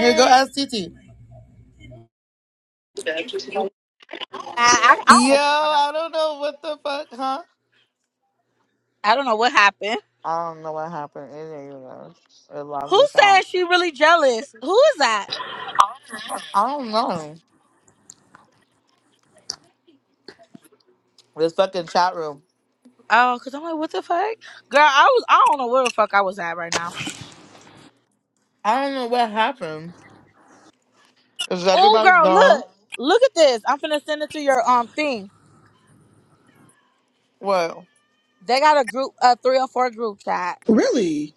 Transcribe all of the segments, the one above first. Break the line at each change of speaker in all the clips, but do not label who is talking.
Here go ask Titi.
I, I, don't know
Yo,
what the fuck.
I don't know what the fuck, huh?
I don't know what happened.
I don't know what happened. It didn't even know. It locked
Who
us
said
out.
she really jealous? Who is that?
I don't know. This fucking chat room.
Oh, cause I'm like, what the fuck, girl? I was, I don't know where the fuck I was at right now.
I don't know what happened. Is
Oh,
everybody
girl,
gone?
look, look at this. I'm finna send it to your um thing.
What?
They got a group, a three or four group chat.
Really?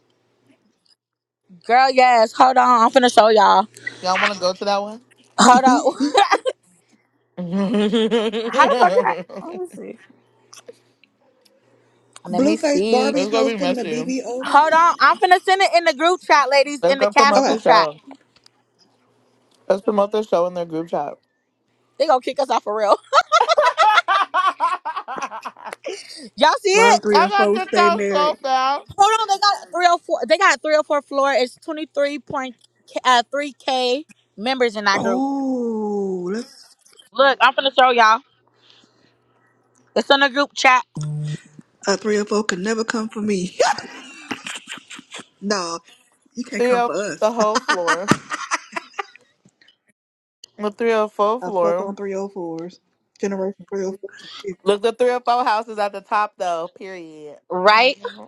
Girl, yes. Hold on, I'm finna show y'all.
Y'all want to go to that one?
Hold on.
it's
How the fuck can I? Let me see. Let me
Blueface
see.
Barbie's
gonna be
hosting the
messy.
BBO
Hold on,
reunion.
I'm finna send it in the group chat, ladies,
Let's
in the
go
cast
promote
Okay.
the
group chat.
show. Let's promote the show in their group chat.
They gonna kick us off for real.
I
Y'all see
Why
it?
do three or
got
four
kicked
stay
out
married?
so fast.
Hold on, they got three or four. They got three or four floor. It's twenty three point uh, three k members in that group.
Oh, let's,
Look, I'm finna show y'all. It's in the group chat,
a three or four can never come for me. no, you can't come
The,
for
the
us.
whole floor. The 304
I fuck on
floor.
304s. Generation 304s. and 50s.
Look, the 304 house is at the top, though. Period.
right?
Mhm.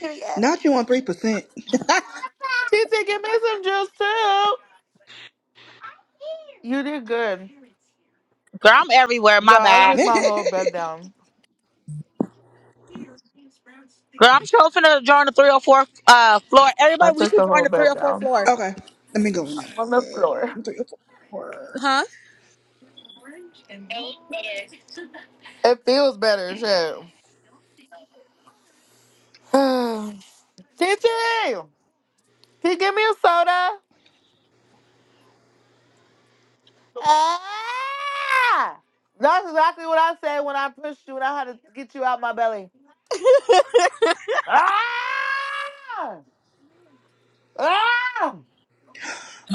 Period.
Not you on 3%.
Titi, give me some juice, too. You did good.
Girl, I'm everywhere. My
Girl, I
bad.
took my
okay,
whole bed down.
Girl, I'm sure finna join the three or four uh floor.
I
Everybody, we
took the
should join
whole
the three
bed
or four
down.
floor.
let me go.
I'm on the floor.
in. 304.
Huh?
It feels better, shit. Titi! Can you give me a soda? Ah! That's exactly what I said when I pushed you and I had to get you out my belly. Ah! Ah!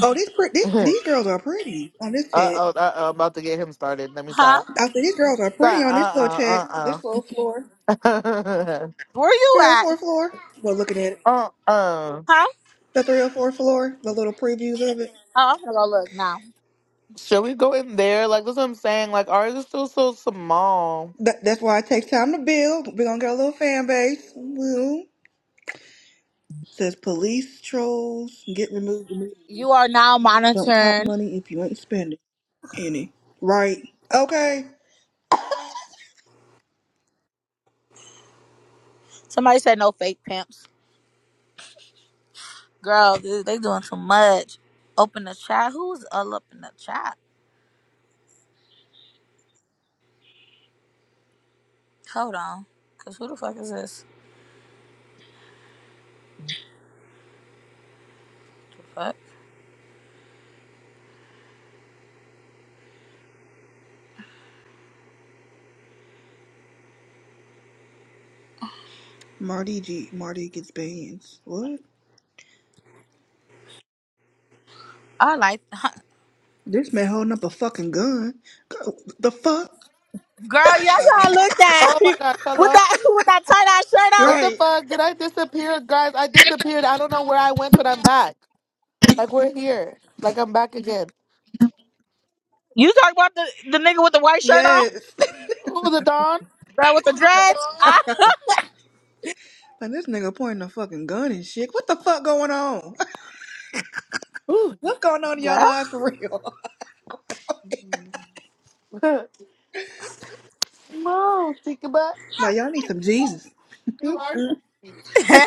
Oh, these, pre- these, these girls are pretty on this
Uh
chat.
oh, uh oh, about to get him started. Let me
Huh?
stop.
I said, these girls are pretty
Right,
on this little chat,
uh
this
uh,
little floor.
uh uh.
Where you at?
304 floor. Go looking at it.
Uh uh.
Huh?
The 304 floor, the little previews of it.
Oh, I'm gonna go look now.
Should we go in there? Like, that's what I'm saying. Like, ours is still so small.
That, that's why it takes time to build. We're going to get a little fan base. Well, it says police trolls get removed. immediately.
You are now
Don't talk
monitoring.
money if you ain't spending any. Right. Okay.
Somebody said no fake pimps. Girl, dude, they doing too much. Open the chat. Who's all up in the chat? Hold on. Cause who the fuck is this? The fuck?
Marty G. Marty gets bans. What?
I like huh.
This man holding up a fucking gun. Go- The fuck?
Girl, y'all y'all looked at
Oh my gosh,
with
hello?
that with that tight ass shirt on.
What the
Right.
fuck? Did I disappear? Guys, I disappeared. I don't know where I went, but I'm back. Like, we're here. Like, I'm back again.
You talking about the, the nigga with the white shirt on?
Yes.
Ooh, the dawn.
Girl with the dreads. Ah,
like this nigga pointing a fucking gun and shit. What the fuck going on?
Ooh.
What's going on in y'all
girl.
lives for real?
Mom, think about
Like y'all need some Jesus.
you
this
are.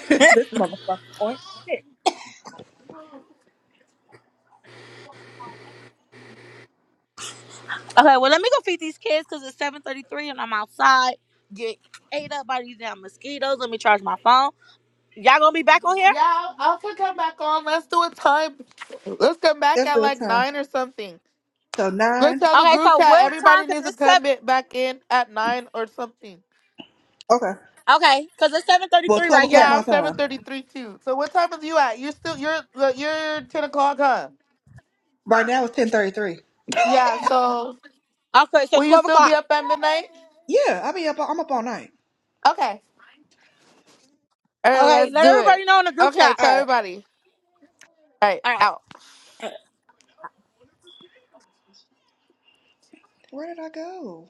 motherfucker point. Shit.
Okay, well let me go feed these kids because it's seven thirty three and I'm outside. Get ate up by these damn mosquitoes. Let me charge my phone. Y'all gonna be back on here?
Yeah, I could come back on. Let's do a time. Let's come back
Let's
at
do a
like
time.
nine or something.
So
Let's
nine.
tell the
Okay,
group
so
chat
what
everybody
time? Cause
needs to
it's
come
seven.
ba- back in at nine or something.
Okay.
Okay, cause it's seven thirty
Well,
three
twelve
right
o'clock
Yeah,
here.
my
I'm seven
time.
thirty three too. So what time is you at? You're still you're look, you're ten o'clock, huh?
Right now it's ten thirty three.
Yeah. So
Okay, so
will you
twelve
still be
o'clock.
up at midnight?
Yeah, I be up. I'm up all night.
Okay. All right,
Okay,
let's
let
do it.
everybody know in the group
Okay,
chat.
tell
All
everybody. All right,
All right.
out.
right. Where did I go?